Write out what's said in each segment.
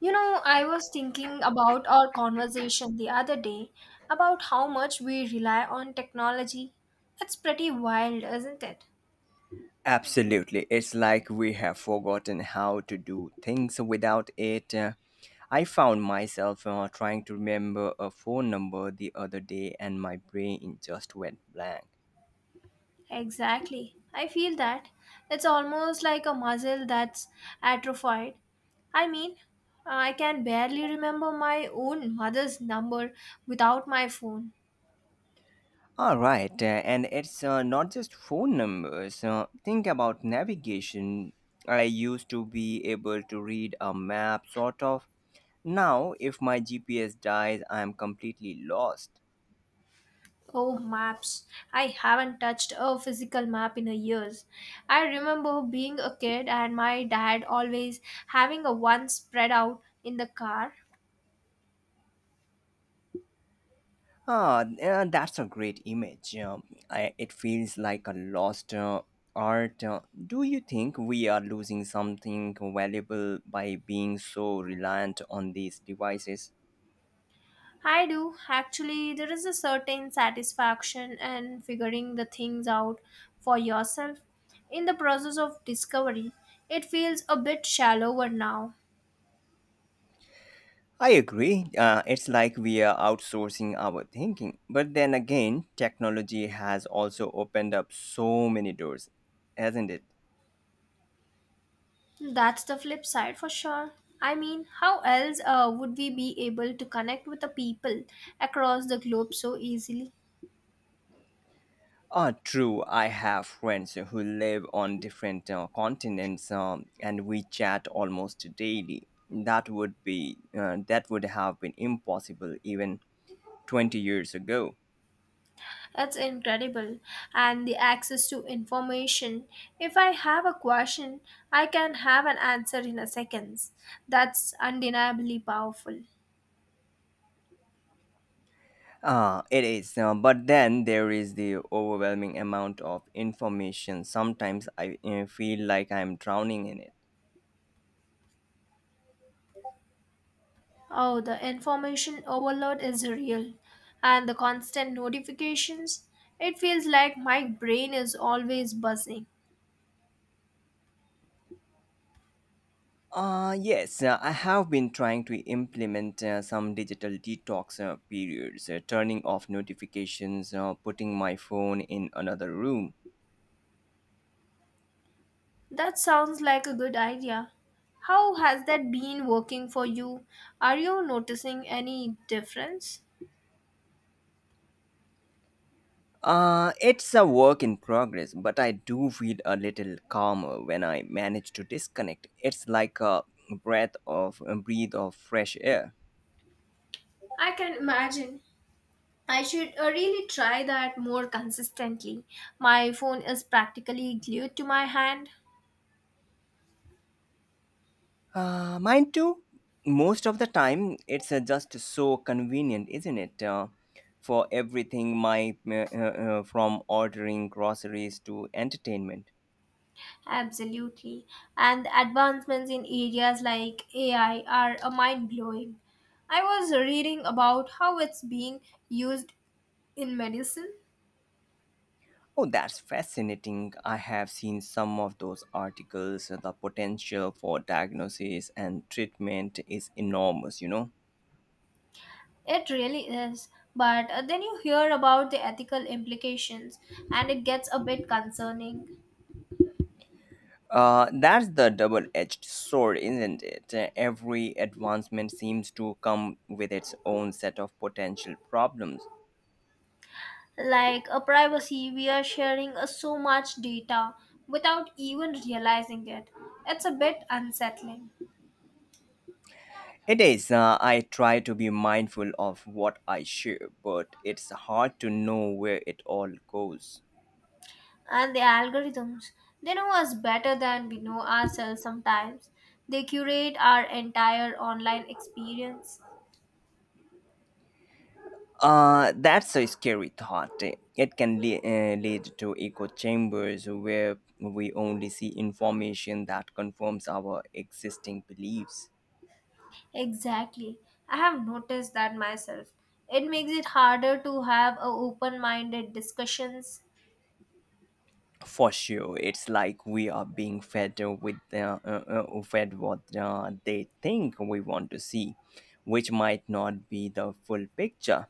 You know, I was thinking about our conversation the other day about how much we rely on technology. It's pretty wild, isn't it? Absolutely. It's like we have forgotten how to do things without it. I found myself trying to remember a phone number the other day and my brain just went blank. Exactly. I feel that. It's almost like a muscle that's atrophied. I mean, I can barely remember my own mother's number without my phone. All right, and it's not just phone numbers. Think about navigation. I used to be able to read a map, sort of. Now, if my GPS dies, I'm completely lost. Oh, maps. I haven't touched a physical map in a years. I remember being a kid and my dad always having a one spread out in the car. Ah, yeah, that's a great image. It feels like a lost art. Do you think we are losing something valuable by being so reliant on these devices? I do. Actually, there is a certain satisfaction in figuring the things out for yourself. In the process of discovery, it feels a bit shallower now. I agree. It's like we are outsourcing our thinking. But then again, technology has also opened up so many doors, hasn't it? That's the flip side for sure. I mean, how else would we be able to connect with the people across the globe so easily? True. I have friends who live on different continents, and we chat almost daily. That would have been impossible even 20 years ago. It's incredible, and the access to information. If I have a question, I can have an answer in a seconds. That's undeniably powerful. Ah, it is. But then there is the overwhelming amount of information. Sometimes I feel like I'm drowning in it. Oh, the information overload is real, and the constant notifications. It feels like my brain is always buzzing. Yes, I have been trying to implement some digital detox periods, turning off notifications, putting my phone in another room. That sounds like a good idea. How has that been working for you? Are you noticing any difference? It's a work in progress, but I do feel a little calmer when I manage to disconnect. It's like a breathe of fresh air. I can imagine. I should really try that more consistently. My phone is practically glued to my hand. Mine too. Most of the time, it's just so convenient, isn't it? For everything, my from ordering groceries to entertainment. Absolutely. And the advancements in areas like AI are mind blowing. I was reading about how it's being used in medicine. Oh, that's fascinating. I have seen some of those articles. The potential for diagnosis and treatment is enormous. It really is. But then you hear about the ethical implications, and it gets a bit concerning. That's the double edged sword, isn't it? Every advancement seems to come with its own set of potential problems. Like a privacy, we are sharing so much data without even realizing it. It's a bit unsettling, It is. I try to be mindful of what I share, but it's hard to know where it all goes. and the algorithms, they know us better than we know ourselves sometimes. They curate our entire online experience. That's a scary thought. It can lead to echo chambers where we only see information that confirms our existing beliefs. Exactly. I have noticed that myself. It makes it harder to have a open minded discussions. For sure, it's like we are being fed what they think we want to see, which might not be the full picture.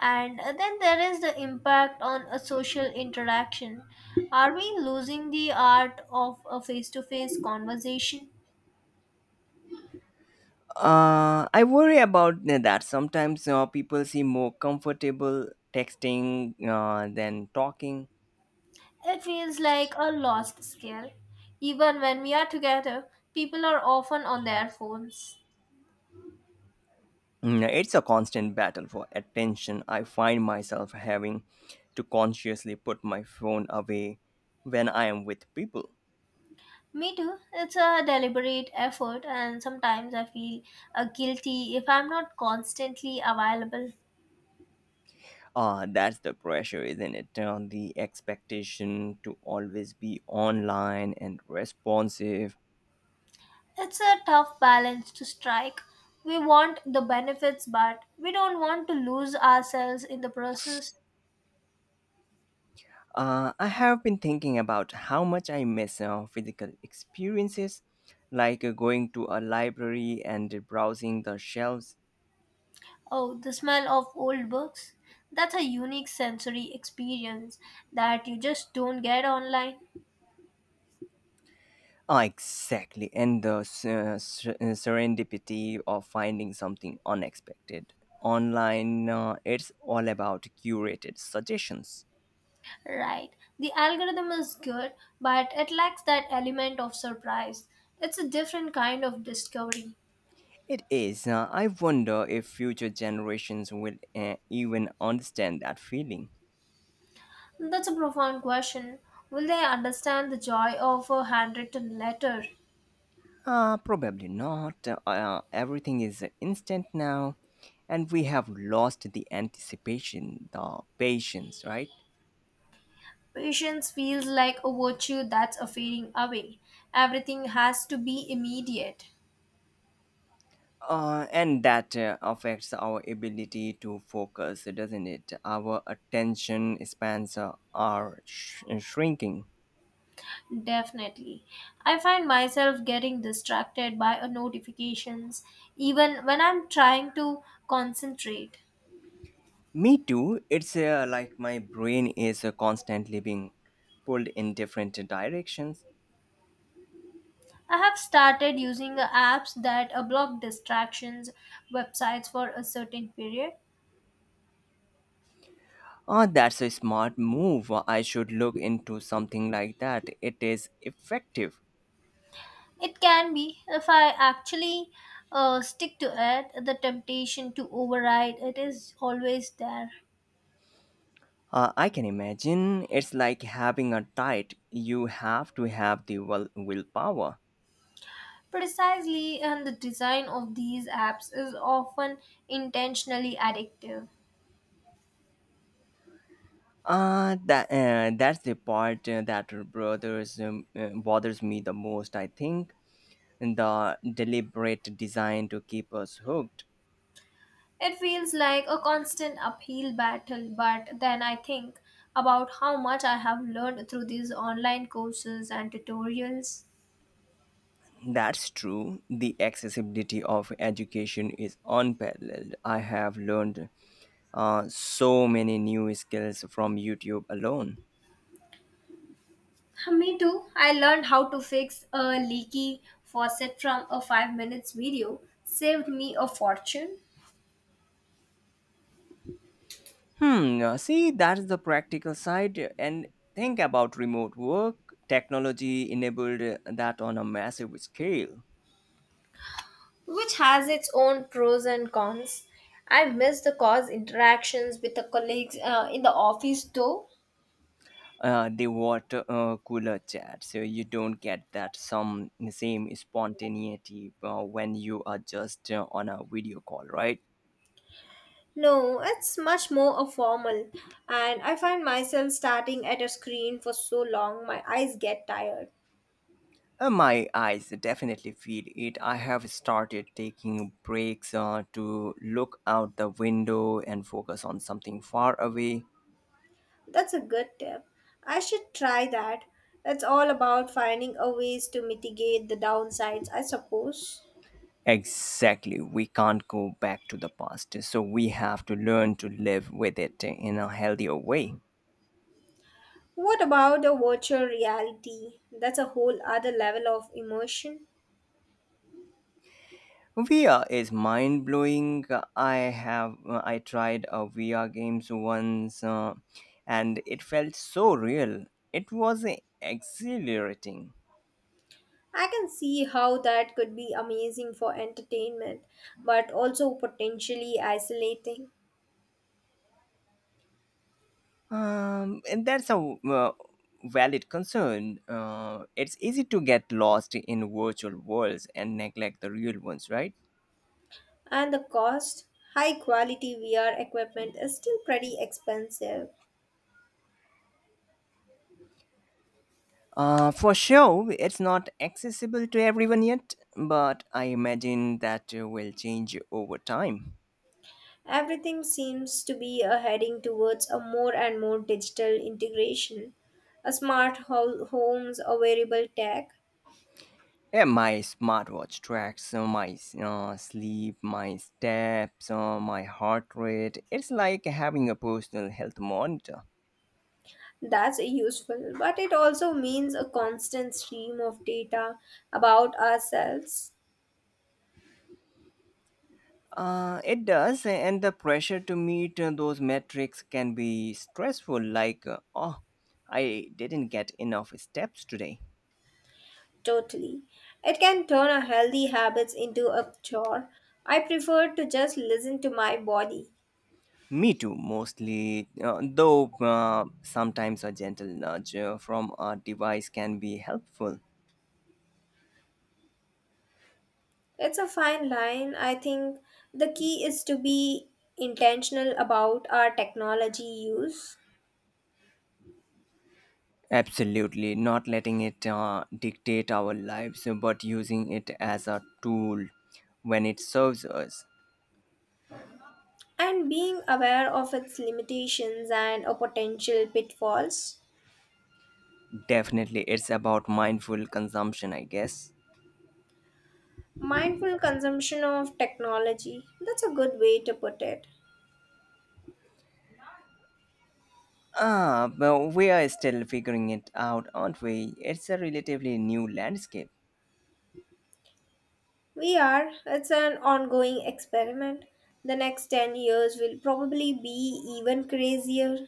And then there is the impact on a social interaction. Are we losing the art of a face to face conversation? I worry about that sometimes people seem more comfortable texting than talking. It feels like a lost skill. Even when we are together, people are often on their phones. Mm, it's a constant battle for attention. I find myself having to consciously put my phone away when I am with people. Me too. It's a deliberate effort, and sometimes I feel guilty if I'm not constantly available. Ah, that's the pressure, isn't it? The expectation to always be online and responsive. It's a tough balance to strike. We want the benefits, but we don't want to lose ourselves in the process. I have been thinking about how much I miss physical experiences, like going to a library and browsing the shelves. Oh, the smell of old books. That's a unique sensory experience that you just don't get online. Ah, exactly, and the serendipity of finding something unexpected. Online, it's all about curated suggestions. Right. The algorithm is good, but it lacks that element of surprise. It's a different kind of discovery. It is. I wonder if future generations will even understand that feeling. That's a profound question. Will they understand the joy of a handwritten letter? Probably not. Everything is instant now, and we have lost the anticipation, the patience, right? Patience feels like a virtue that's a fading away. Everything has to be immediate. And that affects our ability to focus, doesn't it? Our attention spans are shrinking. Definitely. I find myself getting distracted by notifications even when I'm trying to concentrate. Me too. It's like my brain is constantly being pulled in different directions. I have started using apps that block distractions, websites for a certain period. Oh, that's a smart move. I should look into something like that. It is effective. It can be, if I actually stick to it, the temptation to override it is always there. I can imagine it's like having a diet. You have to have the willpower. Precisely, and the design of these apps is often intentionally addictive. That's the part that bothers me the most. I think the deliberate design to keep us hooked. It feels like a constant uphill battle, but then I think about how much I have learned through these online courses and tutorials. That's true. The accessibility of education is unparalleled. I have learned so many new skills from YouTube alone. Me too. I learned how to fix a leaky faucet from a 5 minutes video, saved me a fortune, Hmm, see, that's the practical side. And think about remote work. Technology enabled that on a massive scale. which has its own pros and cons. I miss the cause interactions with the colleagues in the office though. The water cooler chat, so you don't get that some same spontaneity when you are just on a video call, right? No, it's much more a formal, and I find myself starting at a screen for so long my eyes get tired. My eyes definitely feel it. I have started taking breaks to look out the window and focus on something far away. That's a good tip. I should try that. It's all about finding a ways to mitigate the downsides, I suppose. Exactly. We can't go back to the past, so we have to learn to live with it in a healthier way. What about the virtual reality? That's a whole other level of immersion. VR is mind blowing. I I tried a VR games once, and it felt so real. It was exhilarating. I can see how that could be amazing for entertainment, but also potentially isolating. And that's a uh, valid concern. It's easy to get lost in virtual worlds and neglect the real ones, right? And the cost, high quality VR equipment is still pretty expensive. For sure, it's not accessible to everyone yet, but I imagine that will change over time. Everything seems to be heading towards a more and more digital integration, a smart homes or wearable tech. Yeah, my smartwatch tracks my sleep, my steps, my heart rate. It's like having a personal health monitor. That's useful, but it also means a constant stream of data about ourselves. It does, and the pressure to meet those metrics can be stressful, like, oh, I didn't get enough steps today. Totally. It can turn our healthy habits into a chore. I prefer to just listen to my body. Me too, mostly. Though sometimes a gentle nudge from a device can be helpful. It's a fine line. I think the key is to be intentional about our technology use, Absolutely, not letting it dictate our lives, but using it as a tool when it serves us. and being aware of its limitations and or potential pitfalls. Definitely, it's about mindful consumption, I guess. Mindful consumption of technology. That's a good way to put it. Ah, but we are still figuring it out, aren't we? It's a relatively new landscape. We are. It's an ongoing experiment. The next 10 years will probably be even crazier.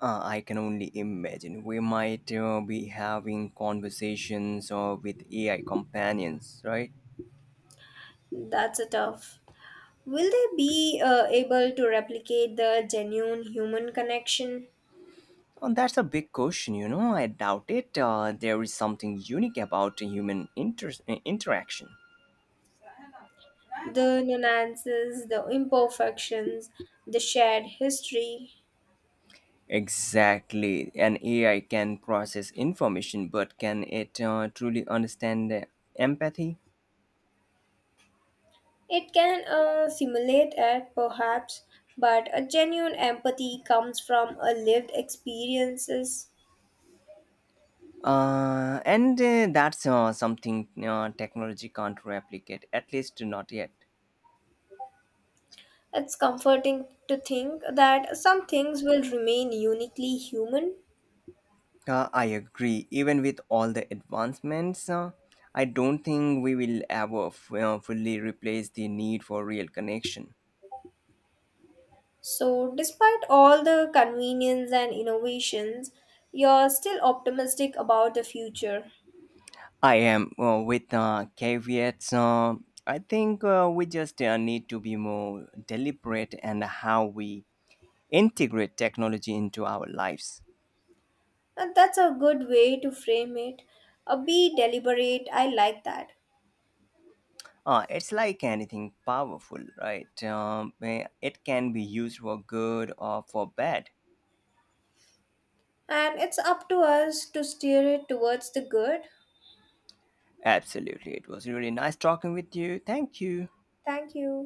I can only imagine. We might be having conversations with AI companions, right? That's a tough. Will they be able to replicate the genuine human connection, Well, that's a big question. I doubt it. There is something unique about human interaction. the nuances, the imperfections, the shared history. Exactly. An AI can process information, but can it truly understand empathy? It can simulate it, perhaps, but a genuine empathy comes from a lived experiences. And that's something technology can't replicate, at least not yet. It's comforting to think that some things will remain uniquely human. I agree. Even with all the advancements, I don't think we will ever fully replace the need for real connection. So, despite all the convenience and innovations, you're still optimistic about the future. I am with caveats. I think we just need to be more deliberate and how we integrate technology into our lives. And that's a good way to frame it. A be deliberate, I like that. It's like anything powerful, right? It can be used for good or for bad. And it's up to us to steer it towards the good. Absolutely. It was really nice talking with you. Thank you. Thank you.